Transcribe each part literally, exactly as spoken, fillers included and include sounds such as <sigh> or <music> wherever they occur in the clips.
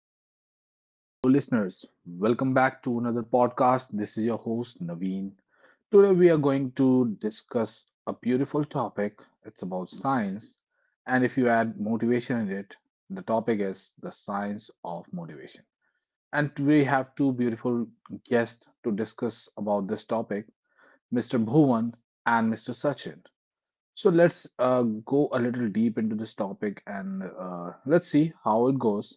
Hello, everyone. Hello, listeners. Welcome back to another podcast. This is your host, Naveen. Today, we are going to discuss a beautiful topic. It's about science. And if you add motivation in it, the topic is the science of motivation. And we have two beautiful guests to discuss about this topic, mister Bhuvan and mister Sachin. So, let's uh, go a little deep into this topic, and uh, let's see how it goes.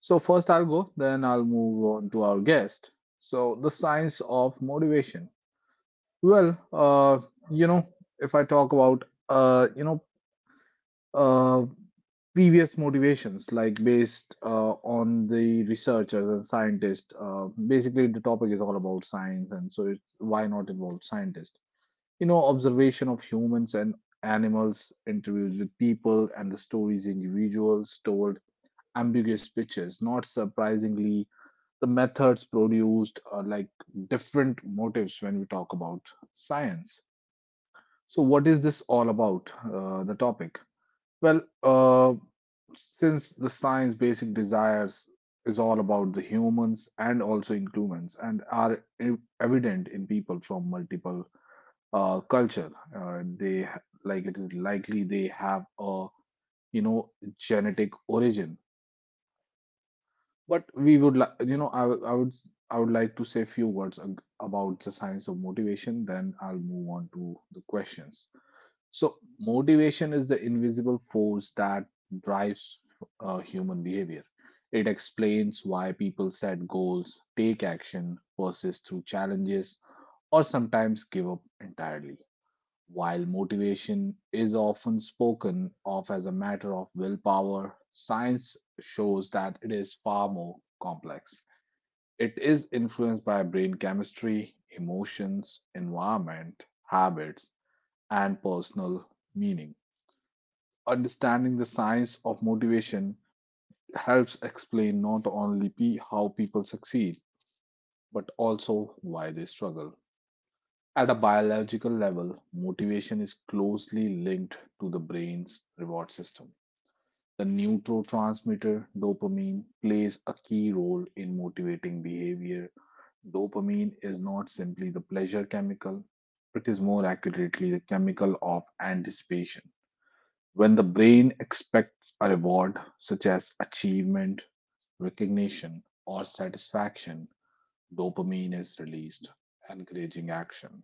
So, first I'll go, then I'll move on to our guest. So, the science of motivation. Well, uh, you know, if I talk about, uh, you know, uh, previous motivations, like based uh, on the researchers and scientists, uh, basically the topic is all about science, and so it's why not involve scientists? You know, observation of humans and animals, interviews with people, and the stories individuals told ambiguous pictures. Not surprisingly, the methods produced are like different motives when we talk about science. So, what is this all about? Uh, the topic. Well, uh, since the science basic desires is all about the humans and also inclusions and are ev- evident in people from multiple uh, culture, uh, they ha- like it is likely they have a you know genetic origin. But we would like, you know, I, would- I would, I would like to say a few words ag- about the science of motivation. Then I'll move on to the questions. So, motivation is the invisible force that drives uh, human behavior. It explains why people set goals, take action, persist through challenges, or sometimes give up entirely. While motivation is often spoken of as a matter of willpower, science shows that it is far more complex. It is influenced by brain chemistry, emotions, environment, habits, and personal meaning. Understanding the science of motivation helps explain not only pe- how people succeed, but also why they struggle. At a biological level, motivation is closely linked to the brain's reward system. The neurotransmitter dopamine plays a key role in motivating behavior. Dopamine is not simply the pleasure chemical, it is more accurately the chemical of anticipation. When the brain expects a reward, such as achievement, recognition, or satisfaction, dopamine is released, encouraging action.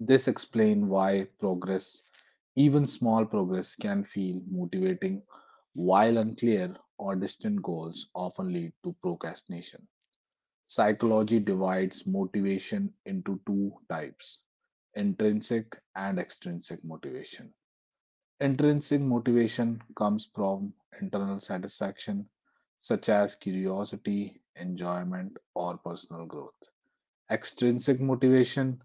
This explains why progress, even small progress, can feel motivating, while unclear or distant goals often lead to procrastination. Psychology divides motivation into two types: intrinsic and extrinsic motivation. Intrinsic motivation comes from internal satisfaction, such as curiosity, enjoyment, or personal growth. Extrinsic motivation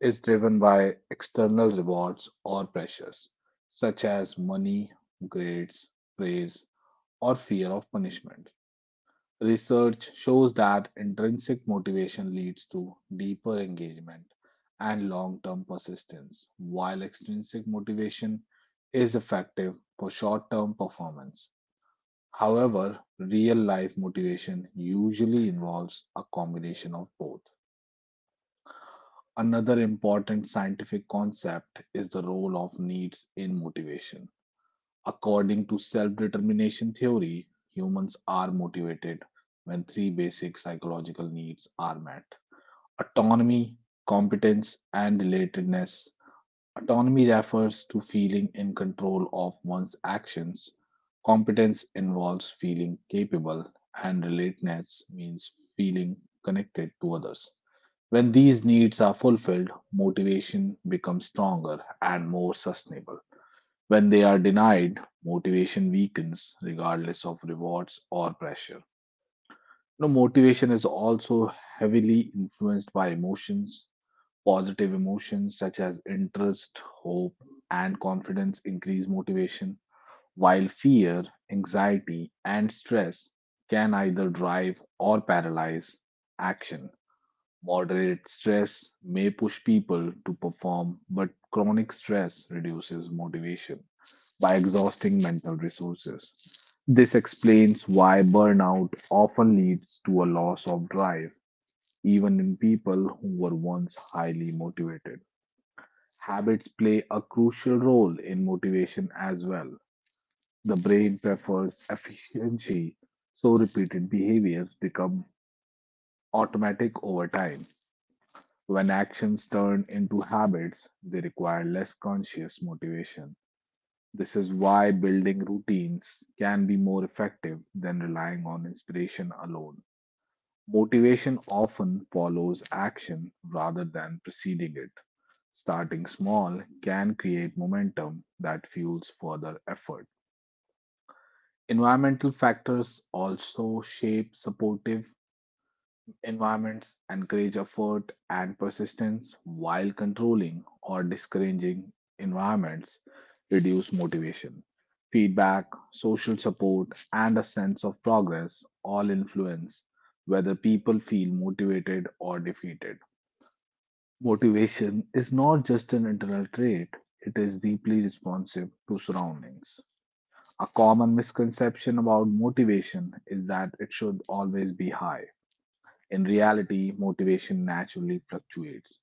is driven by external rewards or pressures, such as money, grades, praise, or fear of punishment. Research shows that intrinsic motivation leads to deeper engagement and long term persistence, while extrinsic motivation is effective for short term performance. However, real life motivation usually involves a combination of both. Another important scientific concept is the role of needs in motivation. According to self determination theory, humans are motivated when three basic psychological needs are met: autonomy, competence, and relatedness. Autonomy refers to feeling in control of one's actions. Competence involves feeling capable, and relatedness means feeling connected to others. When these needs are fulfilled, motivation becomes stronger and more sustainable. When they are denied, motivation weakens regardless of rewards or pressure. You know, motivation is also heavily influenced by emotions. Positive emotions such as interest, hope, and confidence increase motivation, while fear, anxiety, and stress can either drive or paralyze action. Moderate stress may push people to perform, but chronic stress reduces motivation by exhausting mental resources. This explains why burnout often leads to a loss of drive, even in people who were once highly motivated. Habits play a crucial role in motivation as well. The brain prefers efficiency, so repeated behaviors become automatic over time. When actions turn into habits, they require less conscious motivation. This is why building routines can be more effective than relying on inspiration alone. Motivation often follows action rather than preceding it. Starting small can create momentum that fuels further effort. Environmental factors also shape supportive environments encourage effort and persistence, while controlling or discouraging environments reduce motivation. Feedback, social support, and a sense of progress all influence whether people feel motivated or defeated. Motivation is not just an internal trait, it is deeply responsive to surroundings. A common misconception about motivation is that it should always be high. In reality, motivation naturally fluctuates.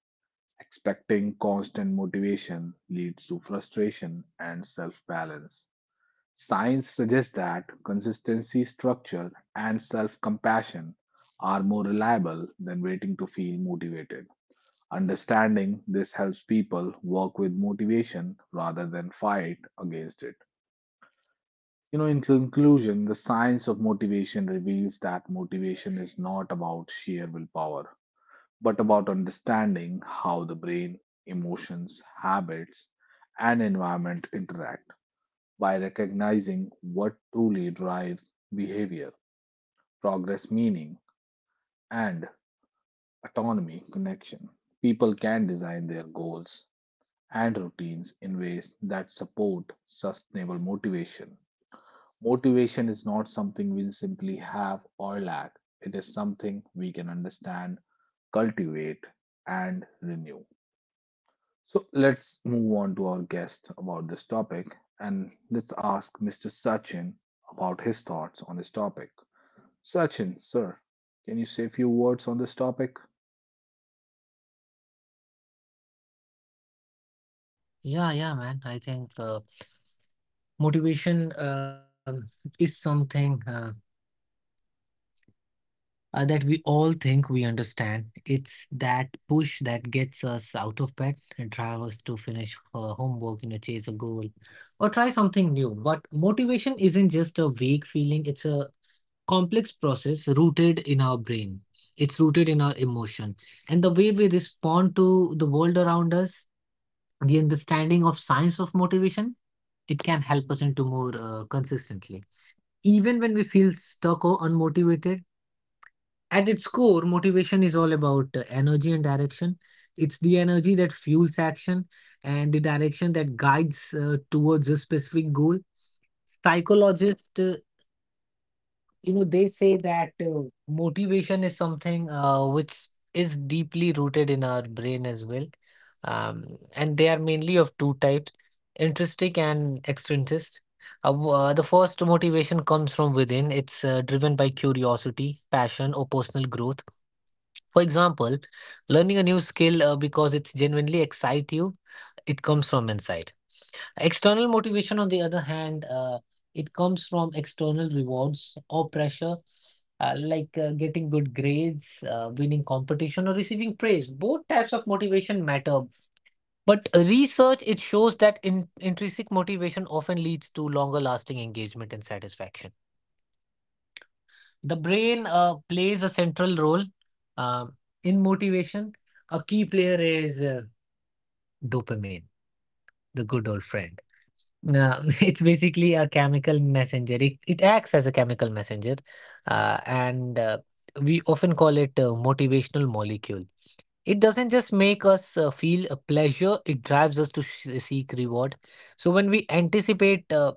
Expecting constant motivation leads to frustration and self balance. Science suggests that consistency, structure, and self compassion are more reliable than waiting to feel motivated. Understanding this helps people work with motivation rather than fight against it. You know, in conclusion, the science of motivation reveals that motivation is not about sheer willpower but about understanding how the brain, emotions, habits, and environment interact. By recognizing what truly drives behavior, progress, meaning, and autonomy connection, people can design their goals and routines in ways that support sustainable motivation. Motivation is not something we'll simply have or lack, it is something we can understand, cultivate, and renew. So let's move on to our guest about this topic and let's ask mister Sachin about his thoughts on this topic. Sachin, sir, can you say a few words on this topic? Yeah, yeah, man. I think uh, motivation um, is something uh, uh, that we all think we understand. It's that push that gets us out of bed and drive us to finish uh, homework, you know, chase a goal, or try something new. But motivation isn't just a vague feeling, it's a complex process rooted in our brain. It's rooted in our emotion and the way we respond to the world around us. The understanding of science of motivation, it can help us into more uh, consistently, even when we feel stuck or unmotivated. At its core, motivation is all about uh, energy and direction. It's the energy that fuels action and the direction that guides uh, towards a specific goal. Psychologist uh, you know they say that uh, motivation is something uh, which is deeply rooted in our brain as well. Um, and they are mainly of two types, intrinsic and extrinsic. Uh, w- uh, the first motivation comes from within, it's uh, driven by curiosity, passion, or personal growth. For example, learning a new skill uh, because it genuinely excites you, it comes from inside. External motivation, on the other hand, uh, it comes from external rewards or pressure, uh, like uh, getting good grades, uh, winning competition, or receiving praise. Both types of motivation matter. But research, it shows that in intrinsic motivation often leads to longer lasting engagement and satisfaction. The brain uh, plays a central role um, in motivation. A key player is uh, dopamine. The good old friend. Now, <laughs> it's basically a chemical messenger. It, it acts as a chemical messenger, uh, and uh, we often call it a motivational molecule. It doesn't just make us uh, feel a pleasure, it drives us to sh- seek reward. So when we anticipate uh,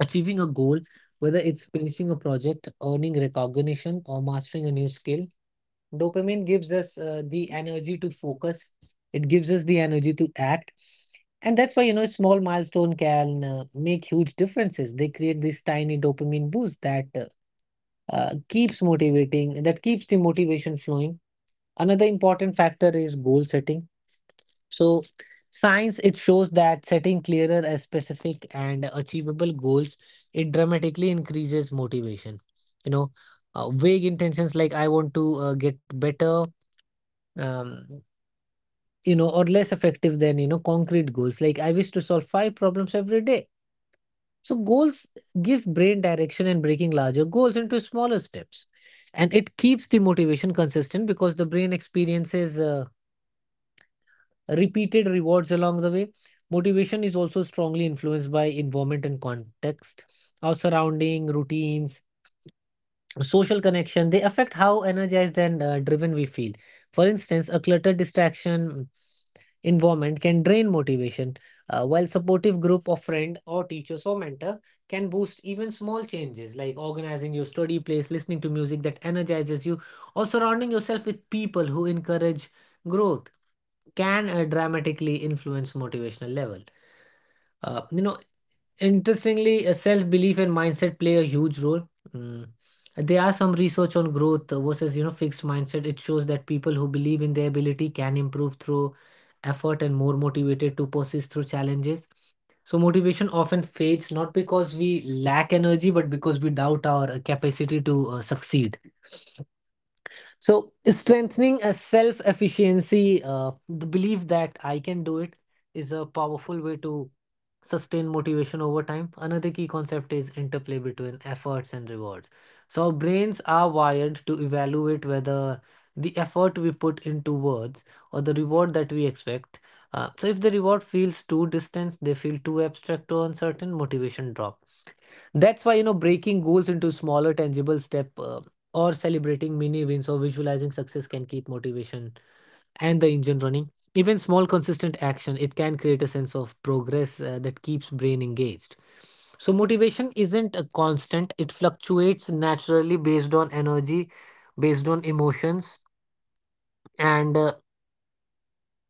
achieving a goal, whether it's finishing a project, earning recognition, or mastering a new skill, dopamine gives us uh, the energy to focus. It gives us the energy to act. And that's why, you know, small milestone can uh, make huge differences. They create this tiny dopamine boost that uh, uh, keeps motivating, that keeps the motivation flowing. Another important factor is goal setting. So, science it shows that setting clearer, uh, specific, and achievable goals, it dramatically increases motivation. You know, uh, vague intentions like I want to uh, get better. Um, you know, or less effective than, you know, concrete goals. Like I wish to solve five problems every day. So goals give brain direction and breaking larger goals into smaller steps. And it keeps the motivation consistent because the brain experiences uh, repeated rewards along the way. Motivation is also strongly influenced by environment and context. Our surrounding, routines, social connection, they affect how energized and uh, driven we feel. For instance, a cluttered distraction environment can drain motivation uh, while supportive group of friend or teachers or mentor can boost. Even small changes like organizing your study place, listening to music that energizes you, or surrounding yourself with people who encourage growth can uh, dramatically influence motivational level. Uh, you know Interestingly, uh, self-belief and mindset play a huge role. Mm. There are some research on growth versus, you know fixed mindset. It shows that people who believe in their ability can improve through effort and more motivated to persist through challenges. So motivation often fades not because we lack energy, but because we doubt our uh, capacity to uh, succeed. So strengthening a self efficiency, uh, the belief that I can do it is a powerful way to sustain motivation over time. Another key concept is interplay between efforts and rewards. So our brains are wired to evaluate whether the effort we put into words or the reward that we expect. Uh, so, if the reward feels too distant, they feel too abstract or uncertain, motivation drops. That's why, you know, breaking goals into smaller, tangible step uh, or celebrating mini wins or visualizing success can keep motivation and the engine running. Even small, consistent action, it can create a sense of progress uh, that keeps brain engaged. So motivation isn't a constant, it fluctuates naturally based on energy, based on emotions, and uh,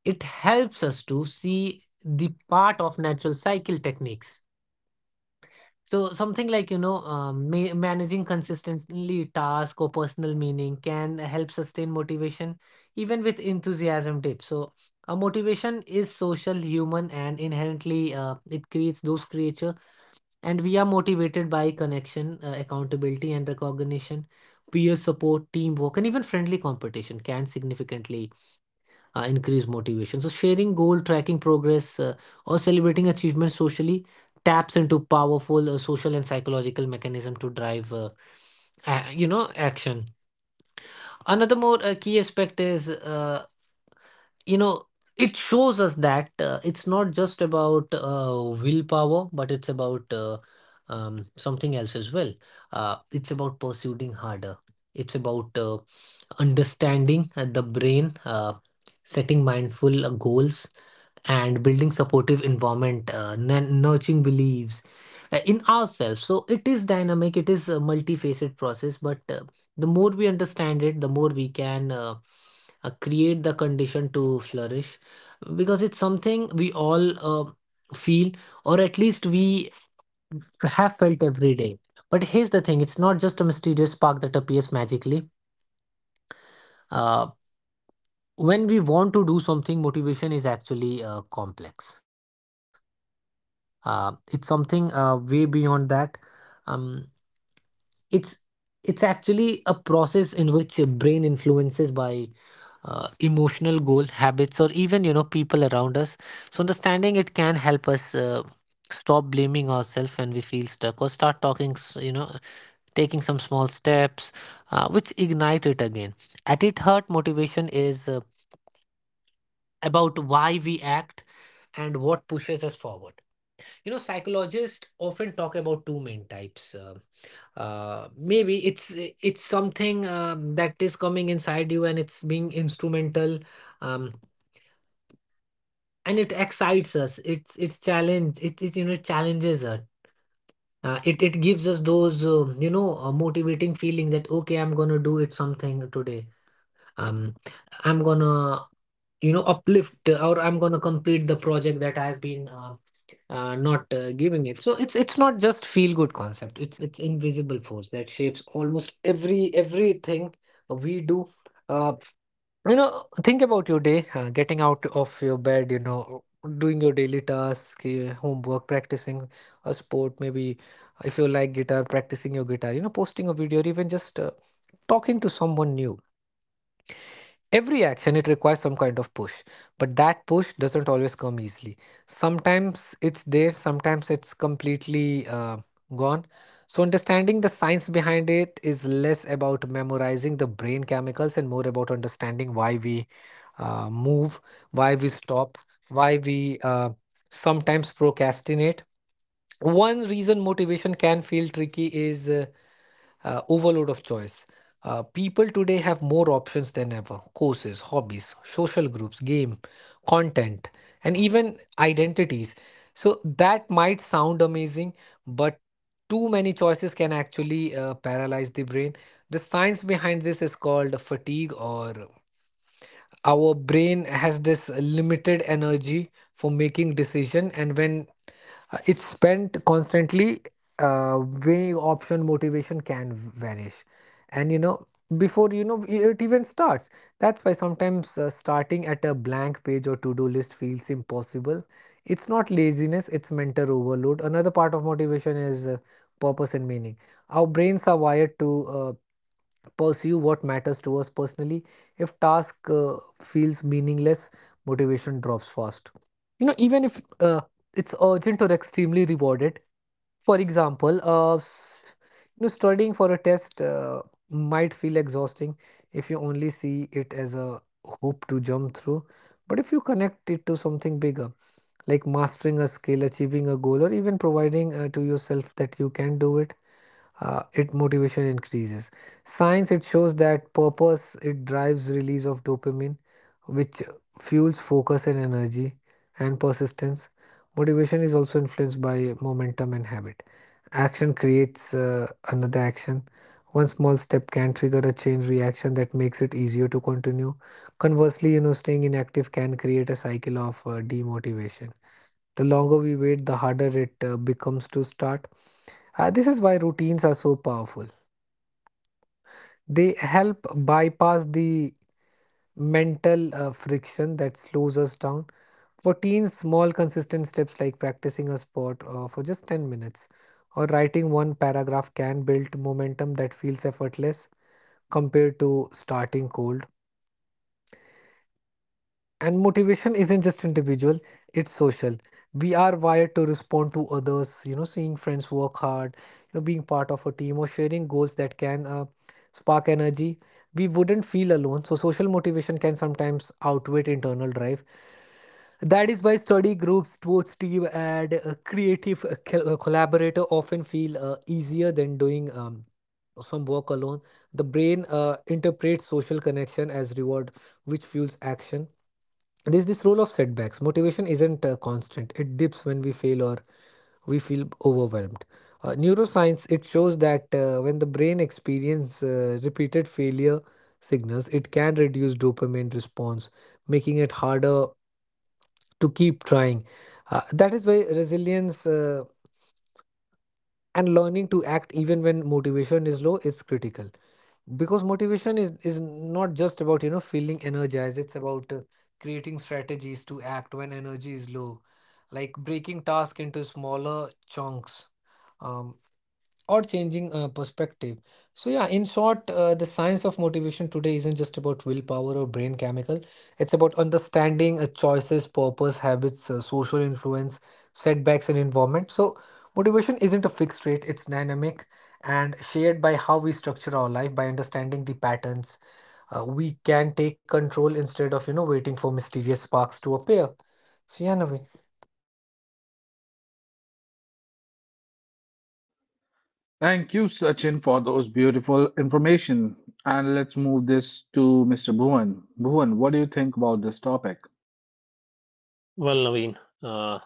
it helps us to see the part of natural cycle techniques. So something like, you know, um, ma managing consistently task or personal meaning can help sustain motivation even with enthusiasm dip. So a motivation is social, human, and inherently uh, it creates those creature. And we are motivated by connection, uh, accountability, and recognition. Peer support, teamwork, and even friendly competition can significantly uh, increase motivation. So sharing goal, tracking progress, uh, or celebrating achievements socially taps into powerful uh, social and psychological mechanism to drive uh, a- you know, action. Another more uh, key aspect is, uh, you know, it shows us that uh, it's not just about uh, willpower, but it's about uh, um, something else as well. Uh, it's about pursuing harder. It's about uh, understanding uh, the brain, uh, setting mindful uh, goals, and building supportive environment, uh, nun- nurturing beliefs uh, in ourselves. So it is dynamic, it is a multifaceted process, but uh, the more we understand it, the more we can uh, uh, create the condition to flourish, because it's something we all uh, feel, or at least we have felt every day. But here's the thing, it's not just a mysterious spark that appears magically uh, when we want to do something. Motivation is actually uh, complex, uh, it's something uh, way beyond that. Um, it's it's actually a process in which your brain influences by uh, emotional goal habits, or even, you know people around us. So understanding it can help us uh, stop blaming ourselves when we feel stuck, or start talking, s- you know taking some small steps uh, which ignite it again. At its heart, motivation is uh, about why we act and what pushes us forward. You know, psychologists often talk about two main types. Uh, uh, maybe it's it's something um, that is coming inside you and it's being instrumental, um, and it excites us. It's it's challenge. It, it you know challenges us. Uh, it it gives us those um you know uh, motivating feeling that okay, I'm gonna do it something today. Um, I'm gonna, you know, uplift, uh, or I'm gonna complete the project that I've been uh, uh, not uh, giving it. So it's it's not just feel good concept. It's it's invisible force that shapes almost every everything we do. Uh, you know, think about your day, uh, getting out of your bed. You know, doing your daily task, uh, homework, practicing a sport. Maybe if you like guitar, practicing your guitar. You know, posting a video, or even just uh, talking to someone new. Every action, it requires some kind of push, but that push doesn't always come easily. Sometimes it's there, sometimes it's completely uh, gone. So understanding the science behind it is less about memorizing the brain chemicals and more about understanding why we uh, move, why we stop, why we uh, sometimes procrastinate. One reason motivation can feel tricky is Uh, uh, overload of choice. Uh, people today have more options than ever, courses, hobbies, social groups, game, content, and even identities. So that might sound amazing, but too many choices can actually uh, paralyze the brain. The science behind this is called fatigue, or our brain has this limited energy for making decision, and when uh, it's spent constantly uh, weighing option, motivation can vanish. And, you know before you know it even starts, that's why sometimes uh, starting at a blank page or to-do list feels impossible. It's not laziness, it's mental overload. Another part of motivation is uh, purpose and meaning. Our brains are wired to uh, pursue what matters to us personally. If task uh, feels meaningless, motivation drops fast, you know even if uh, it's urgent or extremely rewarded. For example, uh, s- you know, studying for a test uh, might feel exhausting if you only see it as a hoop to jump through. But if you connect it to something bigger, like mastering a skill, achieving a goal, or even providing uh, to yourself that you can do it, uh, it motivation increases. Science it shows that purpose it drives release of dopamine, which fuels focus and energy and persistence. Motivation is also influenced by momentum and habit. Action creates uh, another action. One small step can trigger a chain reaction that makes it easier to continue. Conversely, you know, staying inactive can create a cycle of uh, demotivation. The longer we wait, the harder it uh, becomes to start. Uh, this is why routines are so powerful. They help bypass the mental uh, friction that slows us down. For teens, small consistent steps like practicing a sport uh, for just ten minutes or writing one paragraph can build momentum that feels effortless compared to starting cold. And motivation isn't just individual, it's social. We are wired to respond to others, you know, seeing friends work hard, you know, being part of a team or sharing goals that can uh, spark energy. We wouldn't feel alone. So, social motivation can sometimes outweigh internal drive. That is why study groups, sports team, and uh, creative uh, col- uh, collaborator often feel uh, easier than doing um, some work alone. The brain uh, interprets social connection as reward, which fuels action. There's this role of setbacks. Motivation isn't uh, constant. It dips when we fail or we feel overwhelmed. Uh, neuroscience it shows that uh, when the brain experiences uh, repeated failure signals, it can reduce dopamine response, making it harder to keep trying. Uh, that is why resilience uh, and learning to act even when motivation is low is critical because motivation is is not just about you know feeling energized. It's about uh, creating strategies to act when energy is low, like breaking task into smaller chunks um, or changing uh, perspective. So, yeah, in short, uh, the science of motivation today isn't just about willpower or brain chemical. It's about understanding uh, choices, purpose, habits, uh, social influence, setbacks, and environment. So, motivation isn't a fixed rate, it's dynamic and shared by how we structure our life. By understanding the patterns uh, we can take control instead of you know waiting for mysterious sparks to appear. So yeah, Naveen. Thank you, Sachin, for those beautiful information. And let's move this to mister Bhuvan. Bhuvan, what do you think about this topic? Well, Naveen, uh,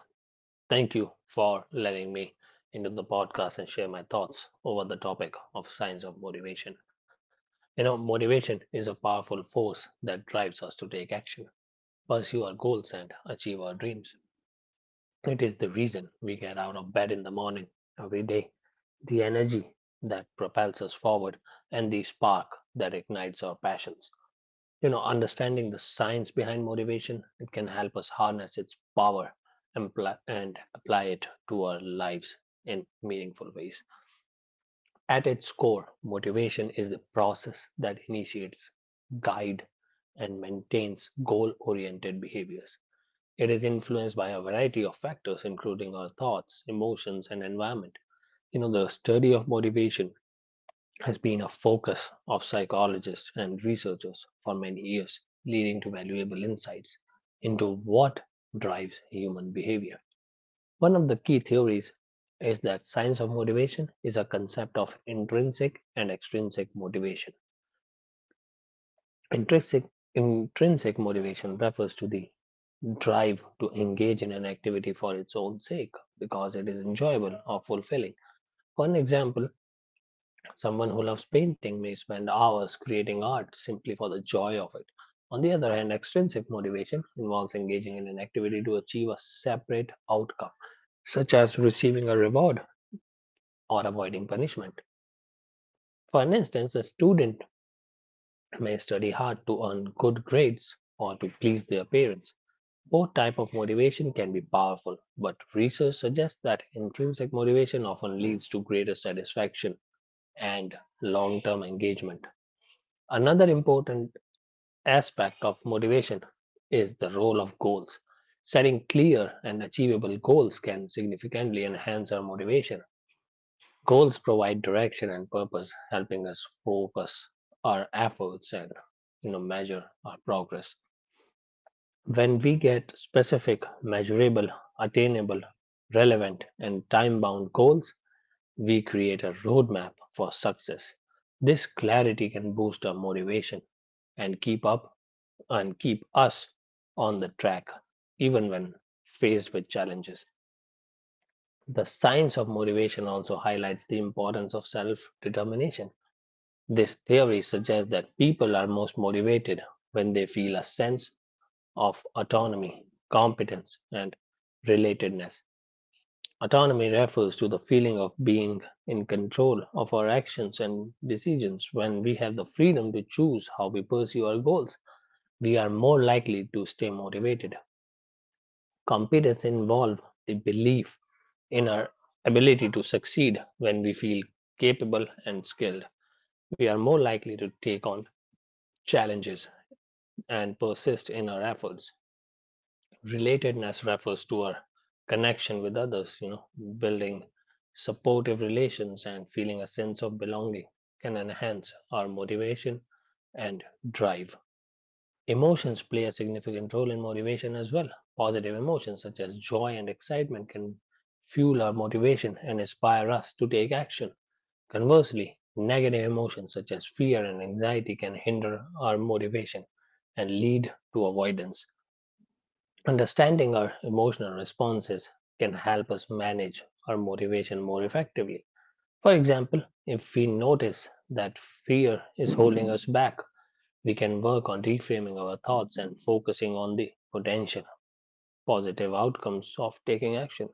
thank you for letting me into the podcast and share my thoughts over the topic of science of motivation. You know, motivation is a powerful force that drives us to take action, pursue our goals, and achieve our dreams. It is the reason we get out of bed in the morning every day, the energy that propels us forward, and the spark that ignites our passions. You know, understanding the science behind motivation, it can help us harness its power and pl- and apply it to our lives in meaningful ways. At its core, motivation is the process that initiates, guide, and maintains goal-oriented behaviors. It is influenced by a variety of factors, including our thoughts, emotions, and environment. You know, the study of motivation has been a focus of psychologists and researchers for many years, leading to valuable insights into what drives human behavior. One of the key theories is that science of motivation is a concept of intrinsic and extrinsic motivation. Intrinsic intrinsic motivation refers to the drive to engage in an activity for its own sake because it is enjoyable or fulfilling. For example, someone who loves painting may spend hours creating art simply for the joy of it. On the other hand, extrinsic motivation involves engaging in an activity to achieve a separate outcome, such as receiving a reward or avoiding punishment. For instance, a student may study hard to earn good grades or to please their parents. Both type of motivation can be powerful, but research suggests that intrinsic motivation often leads to greater satisfaction and long-term engagement. Another important aspect of motivation is the role of goals. Setting clear and achievable goals can significantly enhance our motivation. Goals provide direction and purpose, helping us focus our efforts and, you know, measure our progress. When we get specific, measurable, attainable, relevant, and time bound goals, we create a roadmap for success. This clarity can boost our motivation and keep up and keep us on the track even when faced with challenges. The science of motivation also highlights the importance of self determination. This theory suggests that people are most motivated when they feel a sense of autonomy, competence, and relatedness. Autonomy refers to the feeling of being in control of our actions and decisions. When we have the freedom to choose how we pursue our goals, we are more likely to stay motivated. Competence involves the belief in our ability to succeed when we feel capable and skilled. We are more likely to take on challenges and persist in our efforts. Relatedness refers to our connection with others. You know, building supportive relations and feeling a sense of belonging can enhance our motivation and drive. Emotions play a significant role in motivation as well. Positive emotions such as joy and excitement can fuel our motivation and inspire us to take action. Conversely, negative emotions such as fear and anxiety can hinder our motivation and lead to avoidance. Understanding our emotional responses can help us manage our motivation more effectively. For example, if we notice that fear is holding us back, we can work on reframing our thoughts and focusing on the potential positive outcomes of taking action.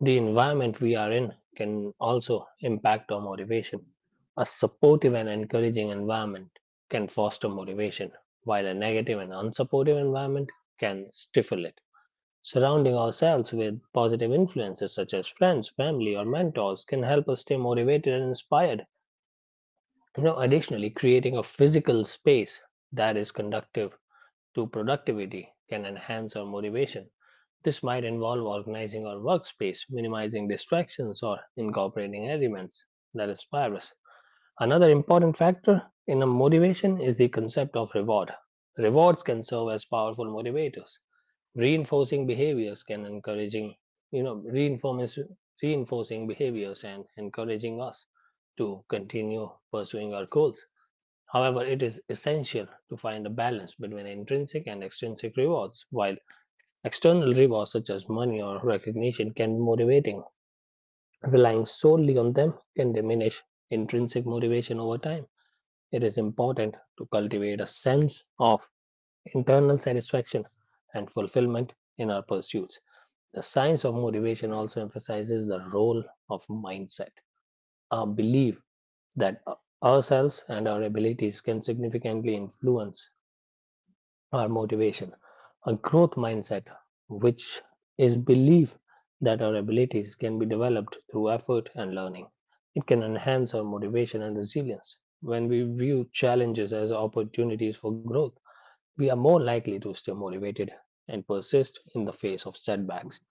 The environment we are in can also impact our motivation. A supportive and encouraging environment can foster motivation, while a negative and unsupportive environment can stifle it. Surrounding ourselves with positive influences such as friends, family, or mentors can help us stay motivated and inspired. You know, additionally, creating a physical space that is conducive to productivity can enhance our motivation. This might involve organizing our workspace, minimizing distractions, or incorporating elements that inspire us. Another important factor in a motivation is the concept of reward. Rewards can serve as powerful motivators. Reinforcing behaviors can encouraging, you know, reinforcing behaviors and encouraging us to continue pursuing our goals. However, it is essential to find a balance between intrinsic and extrinsic rewards. While external rewards such as money or recognition can be motivating, relying solely on them can diminish intrinsic motivation over time. It is important to cultivate a sense of internal satisfaction and fulfillment in our pursuits. The science of motivation also emphasizes the role of mindset, a belief that ourselves and our abilities can significantly influence our motivation, a growth mindset, which is belief that our abilities can be developed through effort and learning. It can enhance our motivation and resilience. When we view challenges as opportunities for growth, we are more likely to stay motivated and persist in the face of setbacks.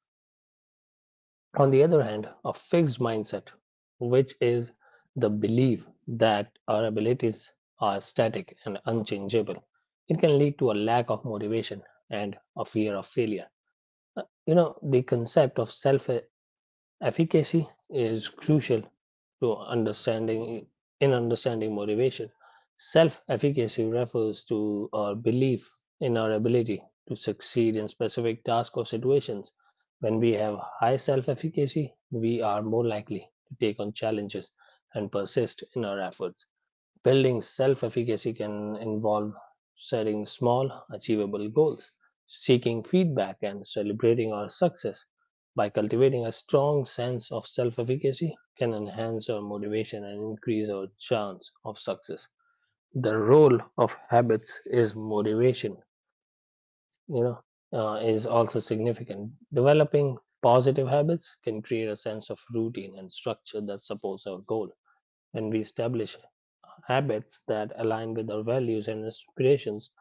On the other hand, a fixed mindset, which is the belief that our abilities are static and unchangeable, it can lead to a lack of motivation and a fear of failure. Uh, You know, the concept of self efficacy is crucial to understanding in understanding motivation. Self-efficacy refers to our belief in our ability to succeed in specific tasks or situations. When we have high self-efficacy, we are more likely to take on challenges and persist in our efforts. Building self efficacy can involve setting small, achievable goals, seeking feedback, and celebrating our success. By cultivating a strong sense of self efficacy, can enhance our motivation and increase our chance of success. The role of habits is motivation, you know, uh, is also significant. Developing positive habits can create a sense of routine and structure that supports our goal. When we establish habits that align with our values and inspirations,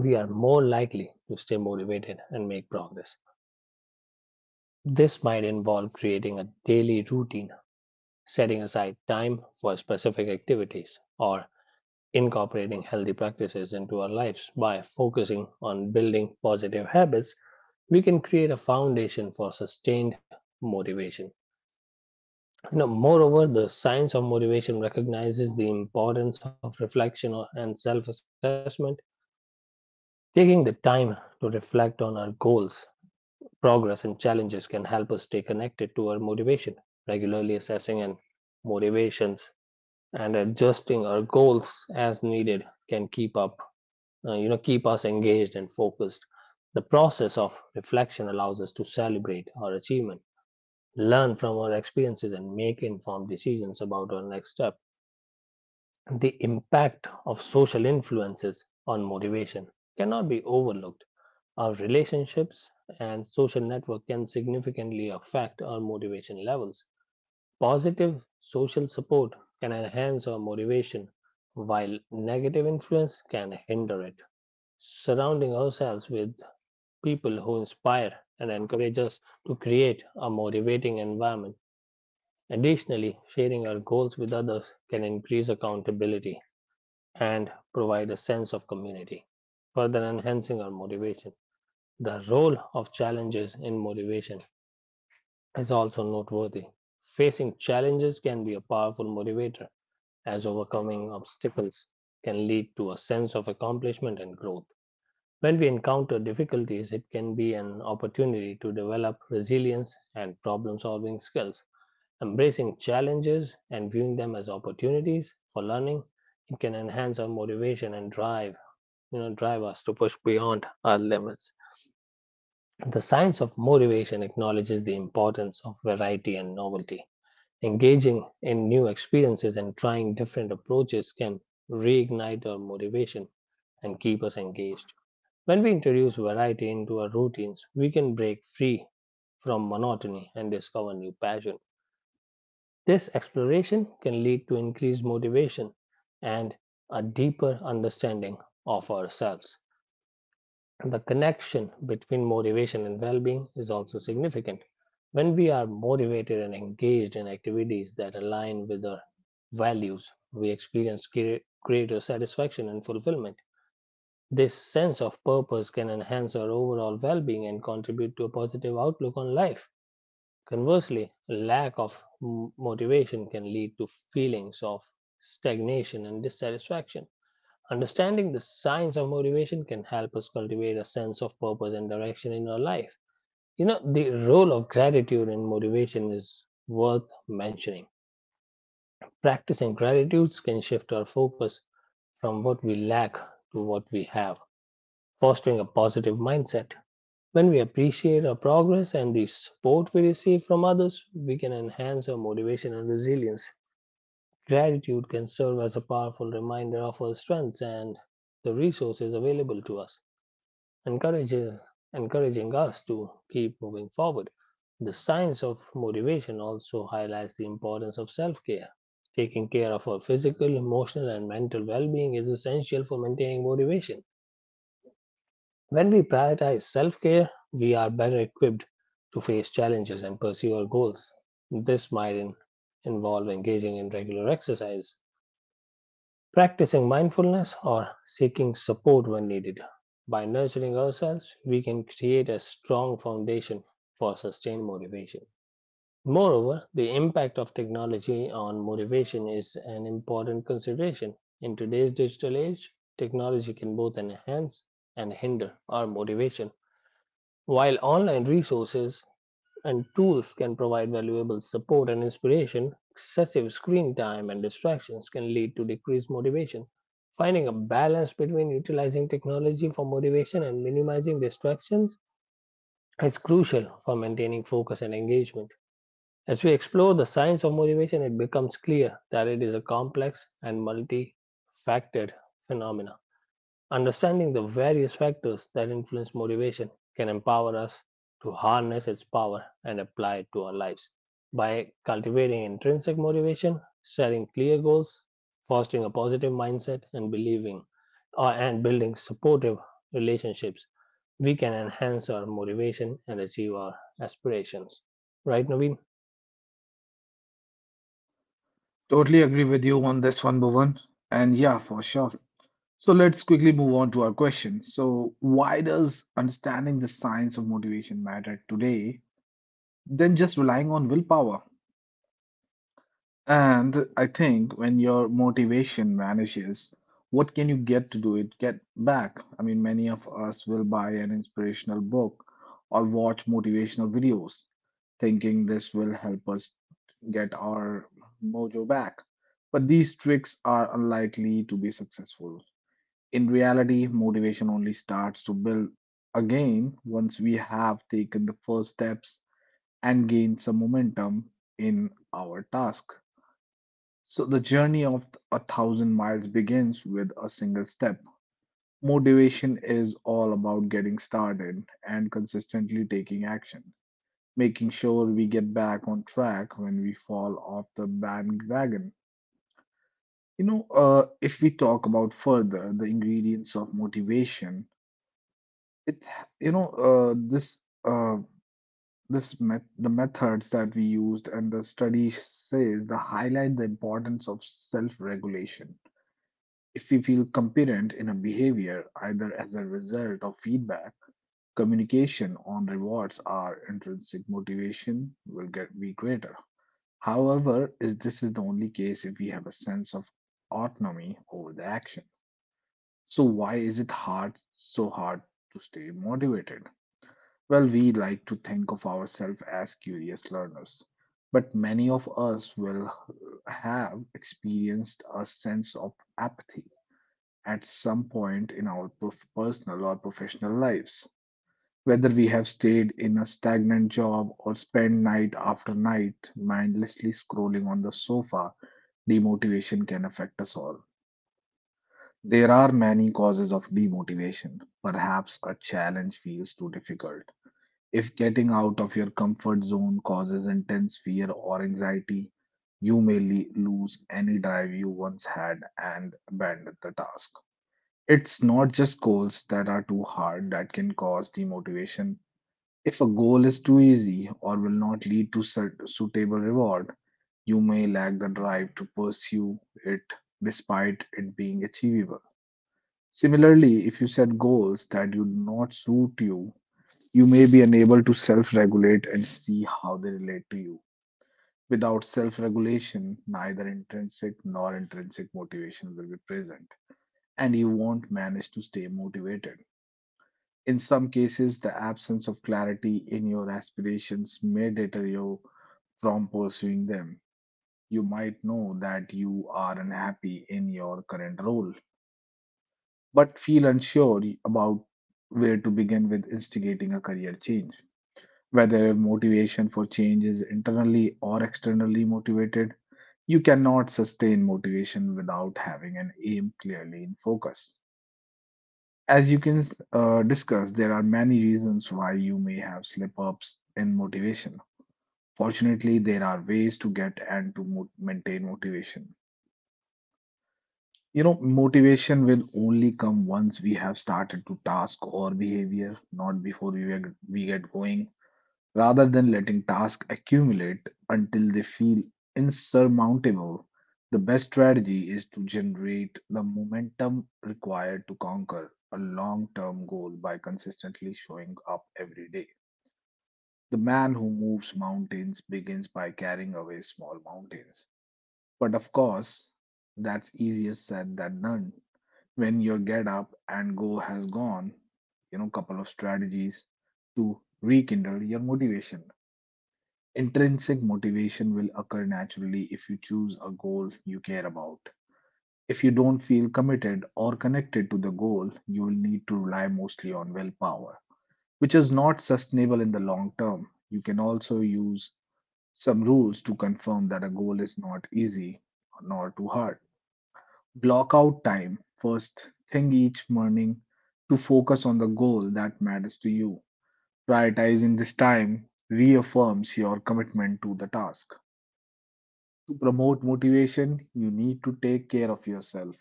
we are more likely to stay motivated and make progress. This might involve creating a daily routine, setting aside time for specific activities, or incorporating healthy practices into our lives by focusing on building positive habits we can create a foundation for sustained motivation. You know, moreover, the science of motivation recognizes the importance of reflection and self assessment. Taking the time to reflect on our goals, progress, and challenges can help us stay connected to our motivation. Regularly assessing and motivations and adjusting our goals as needed can keep up uh, you know keep us engaged and focused. The process of reflection allows us to celebrate our achievement, learn from our experiences and make informed decisions about our next step. The impact of social influences on motivation cannot be overlooked. Our relationships and social network can significantly affect our motivation levels. Positive social support can enhance our motivation, while negative influence can hinder it. Surrounding ourselves with people who inspire and encourage us to create a motivating environment. Additionally, sharing our goals with others can increase accountability and provide a sense of community, further enhancing our motivation. The role of challenges in motivation is also noteworthy. Facing challenges can be a powerful motivator, as overcoming obstacles can lead to a sense of accomplishment and growth. When we encounter difficulties, it can be an opportunity to develop resilience and problem solving skills. Embracing challenges and viewing them as opportunities for learning, it can enhance our motivation and drive, you know, drive us to push beyond our limits. The science of motivation acknowledges the importance of variety and novelty. Engaging in new experiences and trying different approaches can reignite our motivation and keep us engaged. When we introduce variety into our routines, we can break free from monotony and discover new passion. This exploration can lead to increased motivation and a deeper understanding of ourselves. The connection between motivation and well being is also significant. When we are motivated and engaged in activities that align with our values, we experience greater satisfaction and fulfillment. This sense of purpose can enhance our overall well being and contribute to a positive outlook on life. Conversely, a lack of motivation can lead to feelings of stagnation and dissatisfaction. Understanding the science of motivation can help us cultivate a sense of purpose and direction in our life. You know, the role of gratitude in motivation is worth mentioning. Practicing gratitude can shift our focus from what we lack to what we have, fostering a positive mindset. When we appreciate our progress and the support we receive from others, we can enhance our motivation and resilience. Gratitude can serve as a powerful reminder of our strengths and the resources available to us, encourage, encouraging us to keep moving forward. The science of motivation also highlights the importance of self care. Taking care of our physical, emotional, and mental well being is essential for maintaining motivation. When we prioritize self care, we are better equipped to face challenges and pursue our goals. This might in- involve engaging in regular exercise, practicing mindfulness or seeking support when needed. By nurturing ourselves, we can create a strong foundation for sustained motivation. Moreover, the impact of technology on motivation is an important consideration. In today's digital age, technology can both enhance and hinder our motivation. While online resources and tools can provide valuable support and inspiration, excessive screen time and distractions can lead to decreased motivation. Finding a balance between utilizing technology for motivation and minimizing distractions is crucial for maintaining focus and engagement. As we explore the science of motivation, it becomes clear that it is a complex and multi-factored phenomena. Understanding the various factors that influence motivation can empower us to harness its power and apply it to our lives. By cultivating intrinsic motivation, setting clear goals, fostering a positive mindset, and believing uh, and building supportive relationships, we can enhance our motivation and achieve our aspirations. Right, Naveen? Totally agree with you on this one, Bhuvan. And yeah, for sure. So let's quickly move on to our question. So, why does understanding the science of motivation matter today than just relying on willpower. And I think when your motivation vanishes, what can you get to do it? Get back. I mean, many of us will buy an inspirational book or watch motivational videos, thinking this will help us get our mojo back. But these tricks are unlikely to be successful. In reality, motivation only starts to build again once we have taken the first steps and gain some momentum in our task. So, the journey of a thousand miles begins with a single step. Motivation is all about getting started and consistently taking action, making sure we get back on track when we fall off the bandwagon. You know, uh, if we talk about further the ingredients of motivation, it you know uh, this uh, this met the methods that we used and the study says the highlight the importance of self-regulation. If we feel competent in a behavior, either as a result of feedback, communication on rewards, our intrinsic motivation will get be greater. However, is this is the only case if we have a sense of autonomy over the action. So why is it hard so hard to stay motivated? Well, we like to think of ourselves as curious learners, but many of us will have experienced a sense of apathy at some point in our prof- personal or professional lives. Whether we have stayed in a stagnant job or spent night after night mindlessly scrolling on the sofa, demotivation can affect us all. There are many causes of demotivation. Perhaps a challenge feels too difficult if getting out of your comfort zone causes intense fear or anxiety, you may le- lose any drive you once had and abandon the task. It's not just goals that are too hard that can cause demotivation. If a goal is too easy or will not lead to suit- suitable reward, you may lack the drive to pursue it despite it being achievable. Similarly, if you set goals that do not suit you, you may be unable to self regulate and see how they relate to you. Without self regulation, neither intrinsic nor intrinsic motivation will be present, and you won't manage to stay motivated. In some cases, the absence of clarity in your aspirations may deter you from pursuing them. You might know that you are unhappy in your current role, but feel unsure about where to begin with instigating a career change. Whether motivation for change is internally or externally motivated, you cannot sustain motivation without having an aim clearly in focus. As you can uh, discuss, there are many reasons why you may have slip ups in motivation. Fortunately, there are ways to get and to mo- maintain motivation. You know, motivation will only come once we have started to task or behavior, not before we, get- we get going, rather than letting tasks accumulate until they feel insurmountable. The best strategy is to generate the momentum required to conquer a long term goal by consistently showing up every day. The man who moves mountains begins by carrying away small mountains. But of course, that's easier said than done. When your get up and go has gone, you know, couple of strategies to rekindle your motivation. Intrinsic motivation will occur naturally if you choose a goal you care about. If you don't feel committed or connected to the goal, you will need to rely mostly on willpower, which is not sustainable in the long term. You can also use some rules to confirm that a goal is not easy nor too hard. Block out time first thing each morning to focus on the goal that matters to you. Prioritizing this time reaffirms your commitment to the task. To promote motivation, you need to take care of yourself.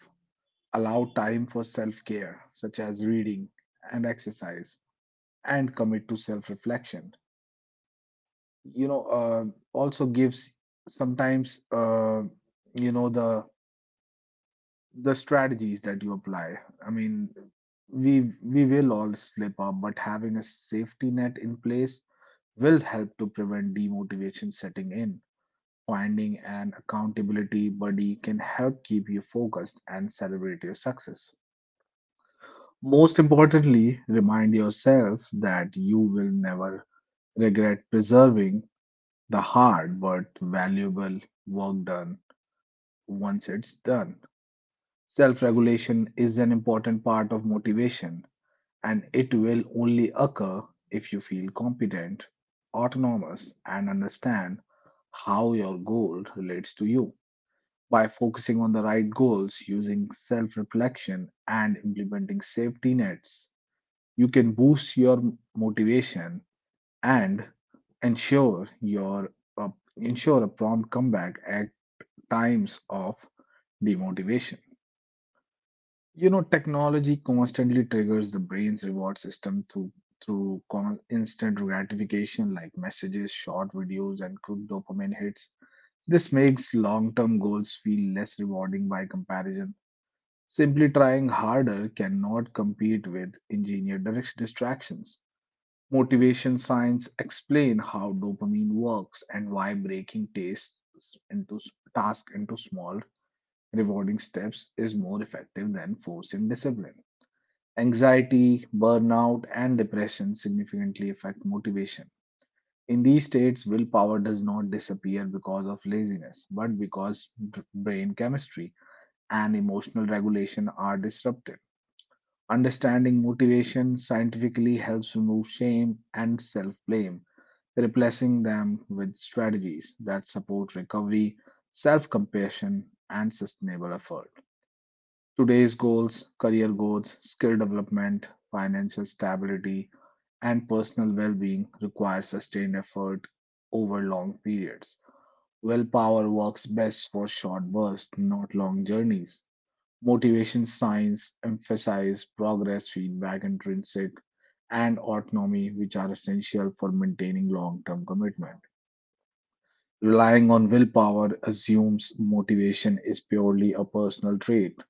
Allow time for self care, such as reading and exercise, and commit to self reflection. You know, uh, also gives sometimes, uh, you know, the the strategies that you apply. I mean, we we will all slip up, but having a safety net in place will help to prevent demotivation setting in. Finding an accountability buddy can help keep you focused and celebrate your success. Most importantly, remind yourself that you will never regret preserving the hard but valuable work done once it's done. Self regulation is an important part of motivation, and it will only occur if you feel competent, autonomous, and understand how your goal relates to you. By focusing on the right goals, using self reflection, and implementing safety nets, you can boost your motivation and ensure your uh, ensure a prompt comeback at times of demotivation. You know, technology constantly triggers the brain's reward system through through con- instant gratification like messages, short videos, and quick dopamine hits. This makes long-term goals feel less rewarding by comparison. Simply trying harder cannot compete with engineered direct- distractions. Motivation science explain how dopamine works and why breaking tasks into task into small rewarding steps is more effective than forcing discipline. Anxiety, burnout, and depression significantly affect motivation. In these states, willpower does not disappear because of laziness, but because b- brain chemistry and emotional regulation are disrupted. Understanding motivation scientifically helps remove shame and self blame, replacing them with strategies that support recovery, self compassion, and sustainable effort. Today's goals, career goals, skill development, financial stability, and personal well being require sustained effort over long periods. Willpower works best for short bursts, not long journeys. Motivation science emphasizes progress, feedback, intrinsic, and autonomy, which are essential for maintaining long term commitment. Relying on willpower assumes motivation is purely a personal trait.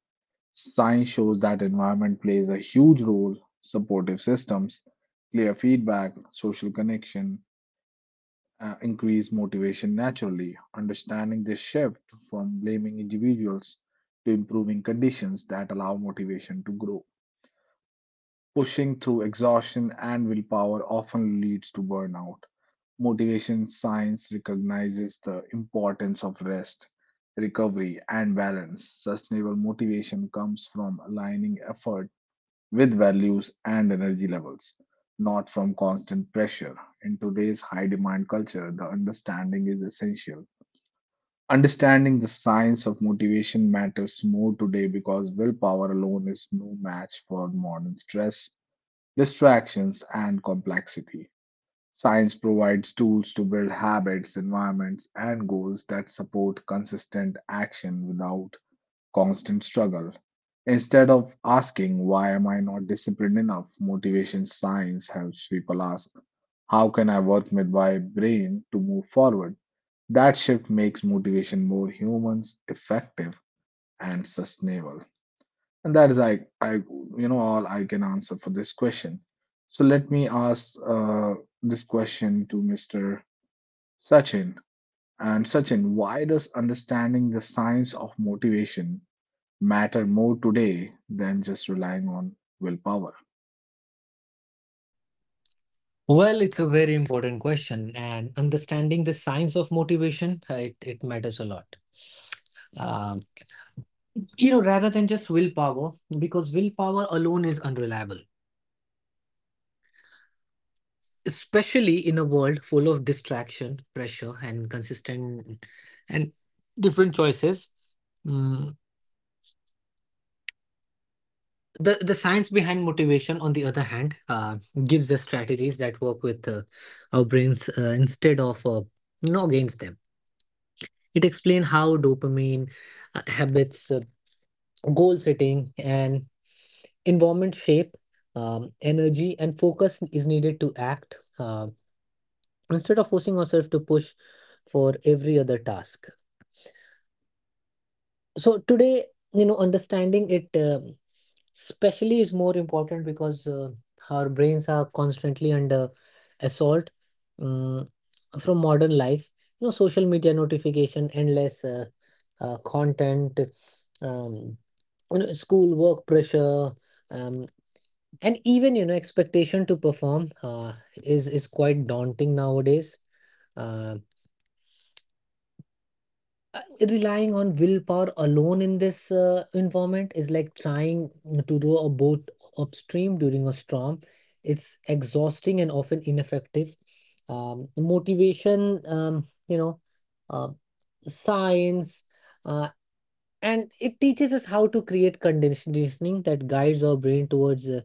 Science shows that environment plays a huge role, supportive systems, clear feedback, social connection, uh, increase motivation naturally. Understanding this shift from blaming individuals to improving conditions that allow motivation to grow. Pushing through exhaustion and willpower often leads to burnout. Motivation science recognizes the importance of rest, recovery, and balance. Sustainable motivation comes from aligning effort with values and energy levels, not from constant pressure. In today's high demand culture, the understanding is essential. Understanding the science of motivation matters more today because willpower alone is no match for modern stress, distractions and complexity. Science provides tools to build habits, environments, and goals that support consistent action without constant struggle. Instead of asking, "Why am I not disciplined enough?" Motivation science helps people ask, "How can I work with my brain to move forward?" That shift makes motivation more human, effective, and sustainable. And that is I, I, you know, all I can answer for this question. So let me ask uh, this question to Mister Sachin. And Sachin, why does understanding the science of motivation matter more today than just relying on willpower? Well, it's a very important question, and understanding the science of motivation, uh, it, it matters a lot. Um, you know, rather than just willpower, because willpower alone is unreliable, especially in a world full of distraction, pressure, and consistent and different choices. Mm, the the science behind motivation, on the other hand, uh, gives the strategies that work with uh, our brains uh, instead of uh, you know against them. It explains how dopamine, uh, habits, uh, goal setting, and environment shape um, energy and focus is needed to act, uh, instead of forcing ourselves to push for every other task. So today, you know understanding it um, especially is more important because uh, our brains are constantly under assault um, from modern life, you know social media notification, endless uh, uh, content, um, you know, school work pressure, um, and even you know expectation to perform uh, is is quite daunting nowadays. Uh, uh, Relying on willpower alone in this uh, environment is like trying to row a boat upstream during a storm. It's exhausting and often ineffective. Um, motivation, um, you know, uh, Science. Uh, and it teaches us how to create conditioning that guides our brain towards uh,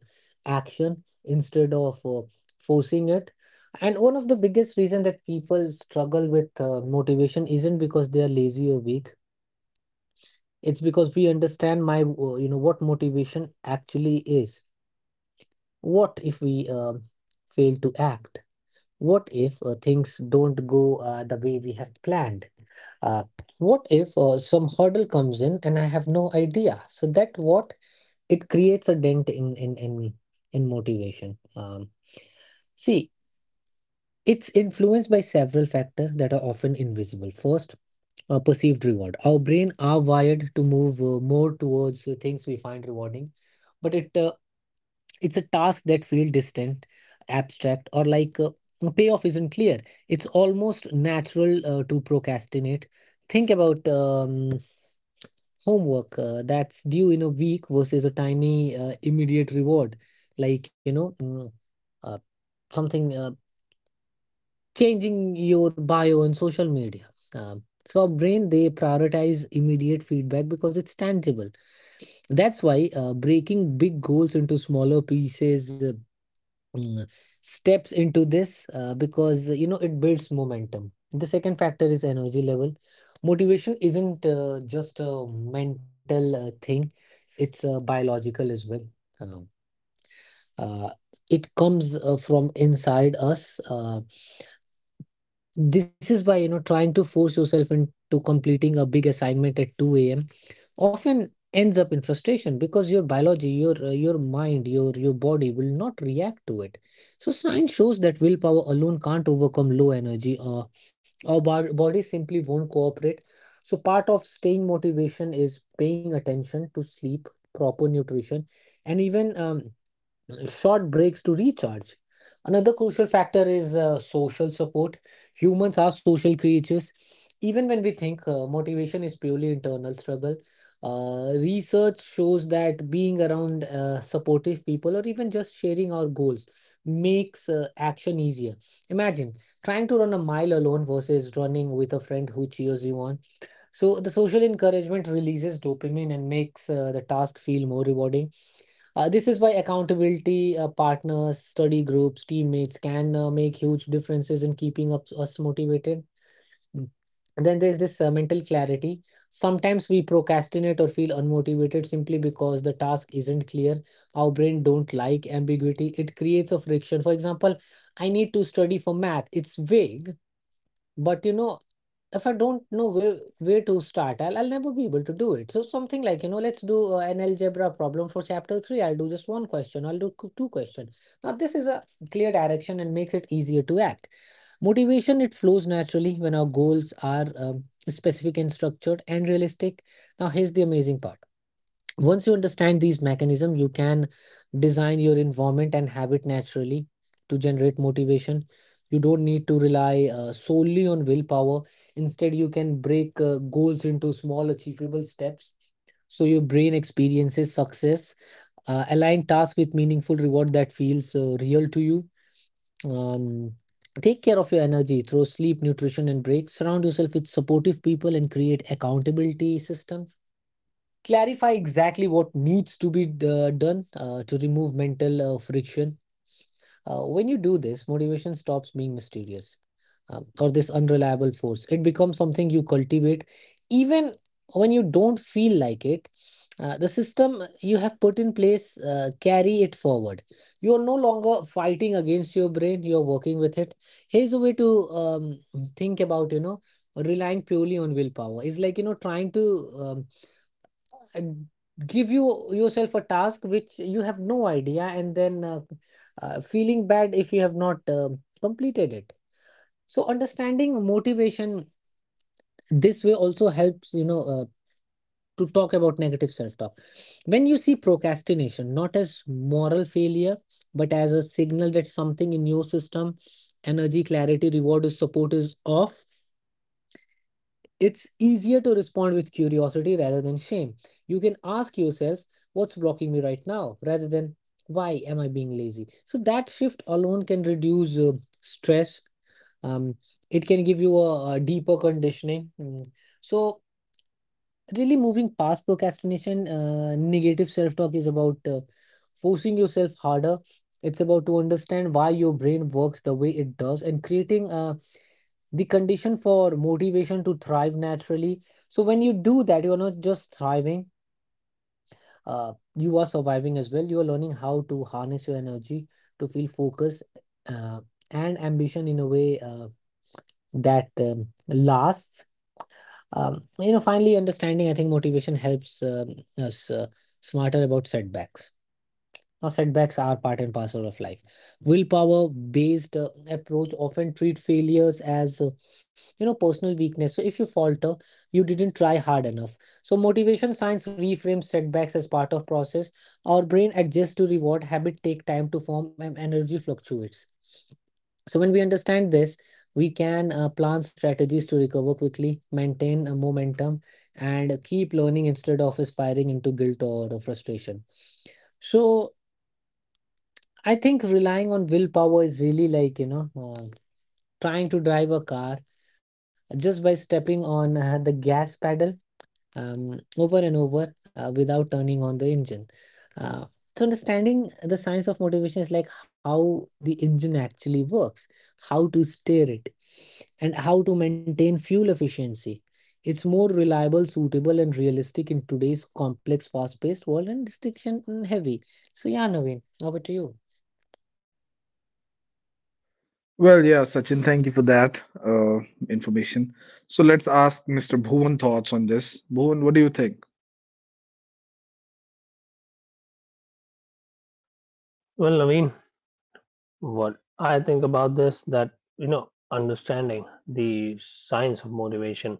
action instead of uh, forcing it. And one of the biggest reason that people struggle with uh, motivation isn't because they are lazy or weak, it's because we understand my uh, you know what motivation actually is. What if we um fail to act? What if uh, things don't go uh, the way we have planned? Uh, what if uh, some hurdle comes in and I have no idea? So that what, it creates a dent in in in in motivation. Um see, it's influenced by several factors that are often invisible. First, uh, perceived reward. Our brain are wired to move uh, more towards the things we find rewarding, but it uh, it's a task that feel distant, abstract, or like uh, the payoff isn't clear. It's almost natural uh, to procrastinate. Think about um, homework uh, that's due in a week versus a tiny uh, immediate reward, like you know, mm, uh, something uh, changing your bio on social media. Um, so our brain they prioritize immediate feedback because it's tangible. That's why uh, breaking big goals into smaller pieces, uh, mm, steps into this uh, because uh, you know it builds momentum. The second factor is energy level. Motivation isn't uh, just a mental uh, thing, it's uh, biological as well. um, uh, it comes uh, from inside us. Uh, this is why you know trying to force yourself into completing a big assignment at two a.m. often ends up in frustration because your biology, your uh, your mind, your your body will not react to it. So science shows that willpower alone can't overcome low energy. Uh, our bo- body simply won't cooperate. So part of staying motivation is paying attention to sleep, proper nutrition, and even um, short breaks to recharge. Another crucial factor is uh, social support. Humans are social creatures. Even when we think uh, motivation is purely internal struggle, uh, research shows that being around uh, supportive people or even just sharing our goals makes uh, action easier. Imagine trying to run a mile alone versus running with a friend who cheers you on. So, the social encouragement releases dopamine and makes uh, the task feel more rewarding. Uh, this is why accountability uh, partners, study groups, teammates can uh, make huge differences in keeping up us motivated. Mm. And then there's this uh, mental clarity. Sometimes we procrastinate or feel unmotivated simply because the task isn't clear. Our brain don't like ambiguity. It creates a friction. For example, I need to study for math. It's vague, but you know, if I don't know where where to start, i'll, I'll never be able to do it. So something like, you know, let's do uh, an algebra problem for chapter three. I'll do just one question, I'll do two question. Now this is a clear direction and makes it easier to act. Motivation it flows naturally when our goals are um, specific and structured and realistic. Now here's the amazing part. Once you understand these mechanisms, you can design your environment and habit naturally to generate motivation. You don't need to rely uh, solely on willpower. Instead, you can break uh, goals into small, achievable steps, so your brain experiences success. Uh, align tasks with meaningful reward that feels uh, real to you. Um, Take care of your energy through sleep, nutrition, and breaks. Surround yourself with supportive people and create accountability system. Clarify exactly what needs to be d- done uh, to remove mental uh, friction. Uh, when you do this, motivation stops being mysterious um, or this unreliable force. It becomes something you cultivate even when you don't feel like it. Uh, the system you have put in place uh, carry it forward. You are no longer fighting against your brain, you are working with it. Here's a way to um, think about, you know, relying purely on willpower is like, you know, trying to um, and give you yourself a task which you have no idea, and then uh, uh, feeling bad if you have not uh, completed it. So understanding motivation this way also helps, you know uh, to talk about negative self talk. When you see procrastination not as moral failure, but as a signal that something in your system, energy, clarity, reward is support, is off. It's easier to respond with curiosity rather than shame. You can ask yourself, what's blocking me right now, rather than why am I being lazy? So that shift alone can reduce uh, stress. Um, it can give you a, a deeper conditioning. Mm. So, really moving past procrastination, uh, negative self talk is about uh, forcing yourself harder. It's about to understand why your brain works the way it does and creating a the condition for motivation to thrive naturally. So when you do that, you are not just thriving, uh, you are surviving as well. You are learning how to harness your energy, to feel focus uh, and ambition in a way uh, that um, lasts. Um, you know, finally understanding, I think motivation helps um, us uh, smarter about setbacks. Now, setbacks are part and parcel of life. Willpower-based uh, approach often treat failures as, uh, you know, personal weakness. So if you falter, you didn't try hard enough. So motivation science reframes setbacks as part of process. Our brain adjusts to reward, habit take time to form, and energy fluctuates. So when we understand this, we can uh, plan strategies to recover quickly, maintain a momentum, and keep learning instead of aspiring into guilt or frustration. So I think relying on willpower is really like, you know, uh, trying to drive a car just by stepping on uh, the gas pedal um, over and over uh, without turning on the engine. Uh, so, understanding the science of motivation is like how the engine actually works, how to steer it, and how to maintain fuel efficiency. It's more reliable, suitable, and realistic in today's complex, fast paced world and distraction mm, heavy. So, yeah, Naveen, over to you. Well, yeah, Sachin, thank you for that uh, information. So let's ask Mister Bhuvan thoughts on this. Bhuvan, what do you think? Well, Naveen, what I think about this that you know, understanding the science of motivation,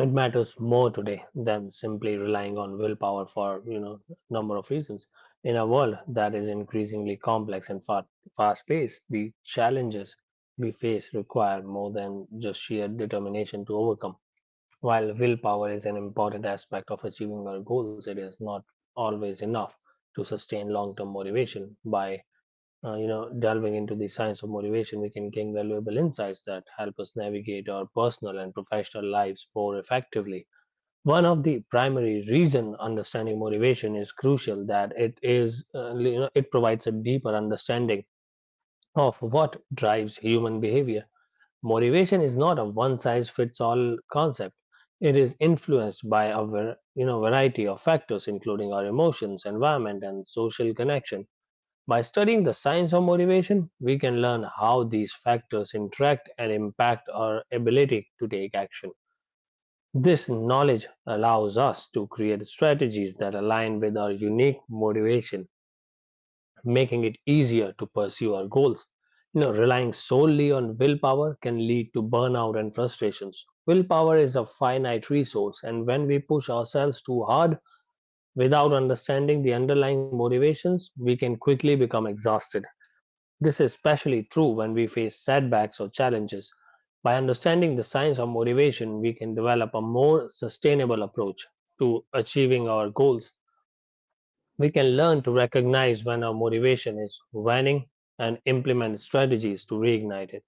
it matters more today than simply relying on willpower for you know number of reasons. In a world that is increasingly complex and fa- fast-paced, the challenges we face require more than just sheer determination to overcome. While willpower is an important aspect of achieving our goals, it is not always enough to sustain long-term motivation. By uh, you know delving into the science of motivation, we can gain valuable insights that help us navigate our personal and professional lives more effectively. One of the primary reason understanding motivation is crucial that it is uh, you know, it provides a deeper understanding of what drives human behavior. Motivation is not a one size fits all concept. It is influenced by a var- you know variety of factors including our emotions, environment and social connection. By studying the science of motivation, we can learn how these factors interact and impact our ability to take action. This knowledge allows us to create strategies that align with our unique motivation, making it easier to pursue our goals. You know, relying solely on willpower can lead to burnout and frustrations. Willpower is a finite resource, and when we push ourselves too hard without understanding the underlying motivations, we can quickly become exhausted. This is especially true when we face setbacks or challenges. By understanding the science of motivation, we can develop a more sustainable approach to achieving our goals. We can learn to recognize when our motivation is waning and implement strategies to reignite it,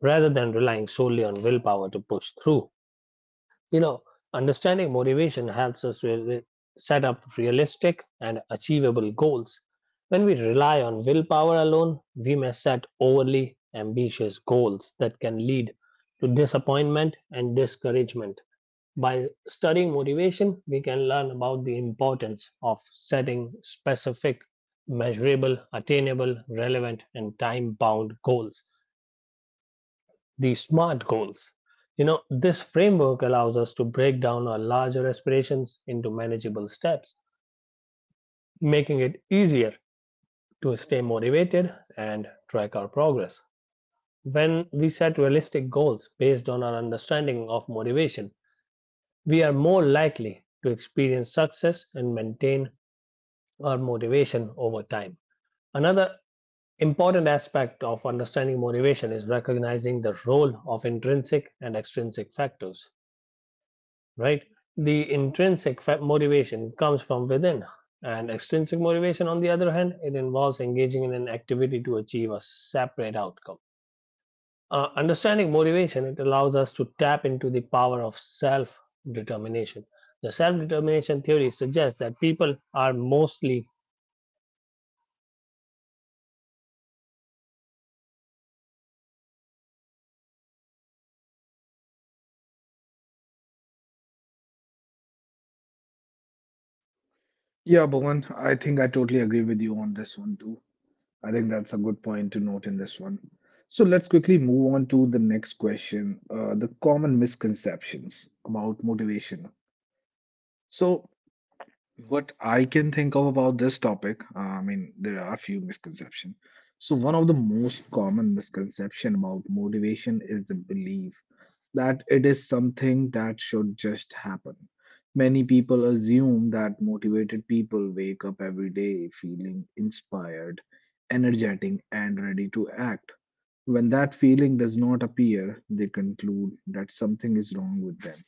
rather than relying solely on willpower to push through. You know, understanding motivation helps us really set up realistic and achievable goals. When we rely on willpower alone, we may set overly ambitious goals that can lead to disappointment and discouragement. By studying motivation, we can learn about the importance of setting specific, measurable, attainable, relevant, and time bound goals, the SMART goals. You know, this framework allows us to break down our larger aspirations into manageable steps, making it easier to stay motivated and track our progress. When we set realistic goals based on our understanding of motivation, we are more likely to experience success and maintain our motivation over time. Another important aspect of understanding motivation is recognizing the role of intrinsic and extrinsic factors, right? The intrinsic motivation comes from within, and extrinsic motivation, on the other hand, it involves engaging in an activity to achieve a separate outcome. Uh, understanding motivation, it allows us to tap into the power of self determination. The self determination theory suggests that people are mostly Yeah, Bhuvan, I think I totally agree with you on this one too. I think that's a good point to note in this one. So let's quickly move on to the next question, uh, the common misconceptions about motivation. So what I can think of about this topic, uh, I mean, there are a few misconceptions. So one of the most common misconception about motivation is the belief that it is something that should just happen. Many people assume that motivated people wake up every day feeling inspired, energetic, and ready to act. When that feeling does not appear, they conclude that something is wrong with them,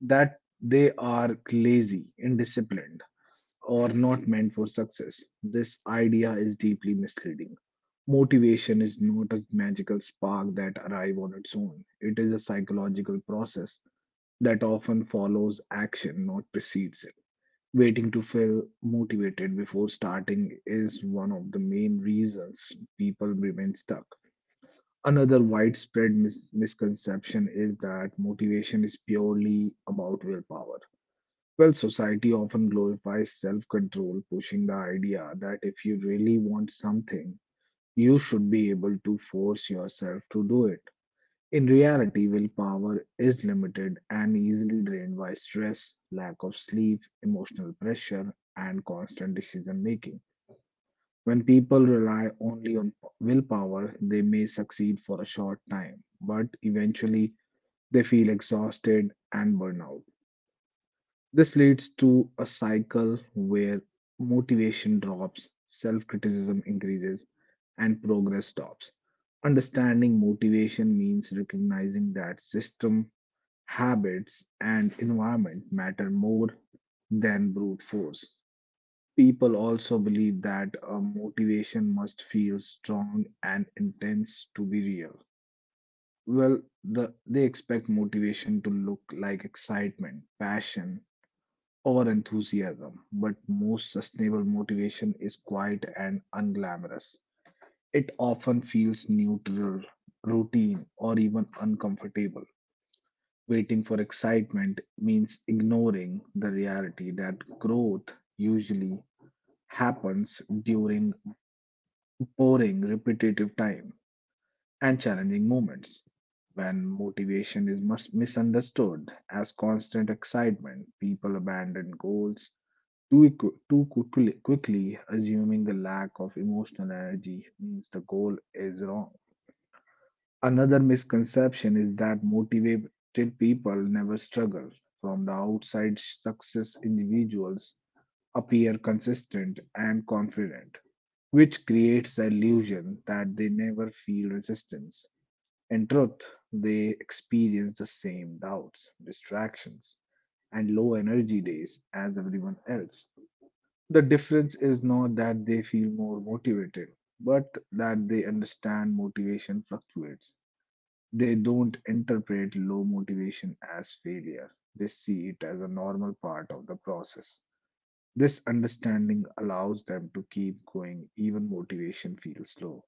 that they are lazy, indisciplined, or not meant for success. This idea is deeply misleading. Motivation is not a magical spark that arrives on its own. It is a psychological process that often follows action, not precedes it. Waiting to feel motivated before starting is one of the main reasons people remain stuck. Another widespread mis- misconception is that motivation is purely about willpower. Well, society often glorifies self control, pushing the idea that if you really want something, you should be able to force yourself to do it. In reality, willpower is limited and easily drained by stress, lack of sleep, emotional pressure, and constant decision making. When people rely only on p- willpower, they may succeed for a short time, but eventually they feel exhausted and burn out. This leads to a cycle where motivation drops, self criticism increases, and progress stops. Understanding motivation means recognizing that system, habits, and environment matter more than brute force. People also believe that a motivation must feel strong and intense to be real. Well, the, they expect motivation to look like excitement, passion, or enthusiasm, but most sustainable motivation is quiet and unglamorous. It often feels neutral, routine, or even uncomfortable. Waiting for excitement means ignoring the reality that growth usually happens during boring, repetitive time and challenging moments. When motivation is mus- misunderstood as constant excitement, people abandon goals Too, equ- too quickly, quickly assuming the lack of emotional energy means the goal is wrong. Another misconception is that motivated people never struggle. From the outside, success individuals appear consistent and confident, which creates the illusion that they never feel resistance. In truth, they experience the same doubts, distractions, and low energy days as everyone else. The difference is not that they feel more motivated, but that they understand motivation fluctuates. They don't interpret low motivation as failure, they see it as a normal part of the process. This understanding allows them to keep going even motivation feels low.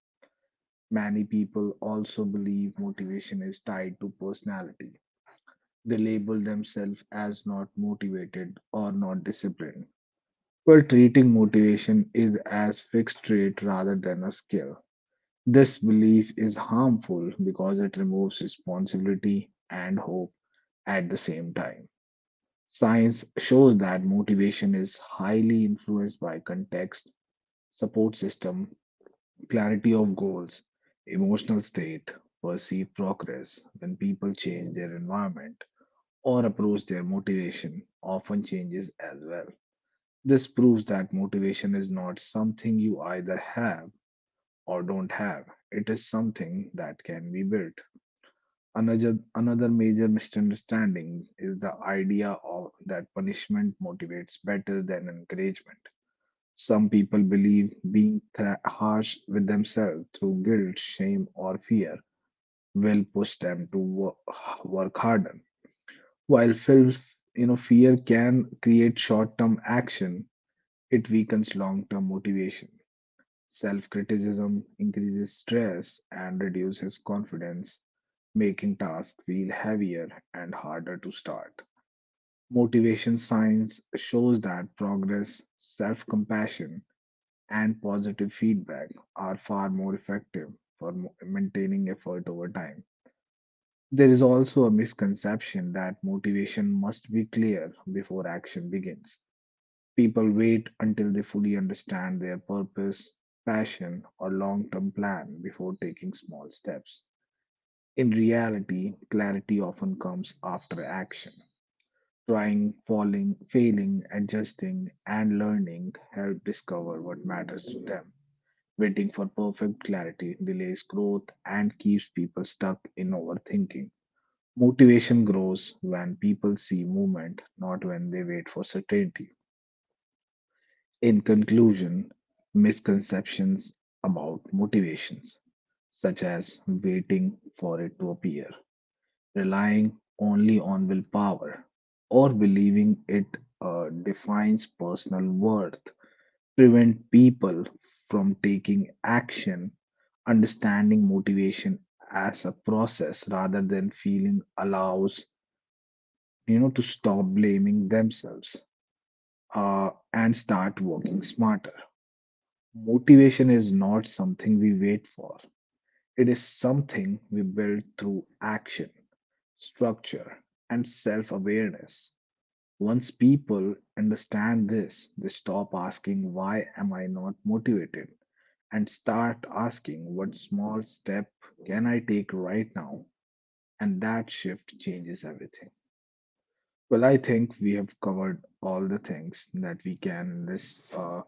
Many people also believe motivation is tied to personality. They label themselves as not motivated or not disciplined, well, treating motivation is as fixed rate rather than a skill. This belief is harmful because it removes responsibility and hope at the same time. Science shows that motivation is highly influenced by context, support system, clarity of goals, emotional state, perceived progress. When people change their environment or approach, their motivation often changes as well. This proves that motivation is not something you either have or don't have. It is something that can be built. Another, another major misunderstanding is the idea of that punishment motivates better than encouragement. Some people believe being thra- harsh with themselves through guilt, shame, or fear will push them to wo- work harder. While fil- you know fear can create short-term action, it weakens long-term motivation. Self criticism increases stress and reduces confidence, making tasks feel heavier and harder to start. Motivation science shows that progress, self compassion, and positive feedback are far more effective for mo- maintaining effort over time. There is also a misconception that motivation must be clear before action begins. People wait until they fully understand their purpose, passion, or long term plan before taking small steps. In reality, clarity often comes after action. Trying, falling, failing, adjusting, and learning help discover what matters to them. Waiting for perfect clarity delays growth and keeps people stuck in overthinking. Motivation grows when people see movement, not when they wait for certainty. In conclusion, misconceptions about motivations, such as waiting for it to appear, relying only on willpower, or believing it uh, defines personal worth, prevent people from taking action, understanding motivation as a process rather than feeling allows you know to stop blaming themselves uh, and start working smarter. Motivation is not something we wait for, it is something we build through action, structure, and self awareness. Once people understand this, they stop asking, "Why am I not motivated?" and start asking, "What small step can I take right now?" And that shift changes everything. Well, I think we have covered all the things that we can in this uh,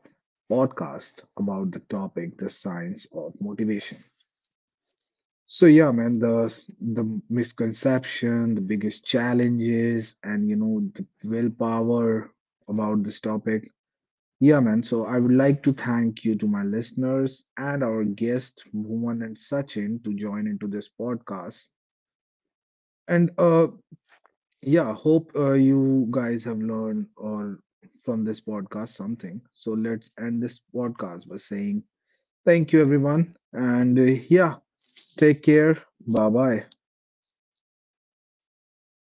podcast about the topic, the science of motivation. So yeah, man, the s- the misconception, the biggest challenges, and you know the willpower about this topic. Yeah, man. So I would like to thank you to my listeners and our guest, Bhuvan and Sachin, to join into this podcast. And uh, Yeah, hope uh, you guys have learned or from this podcast something. So let's end this podcast by saying thank you everyone and uh, yeah, take care. Bye bye.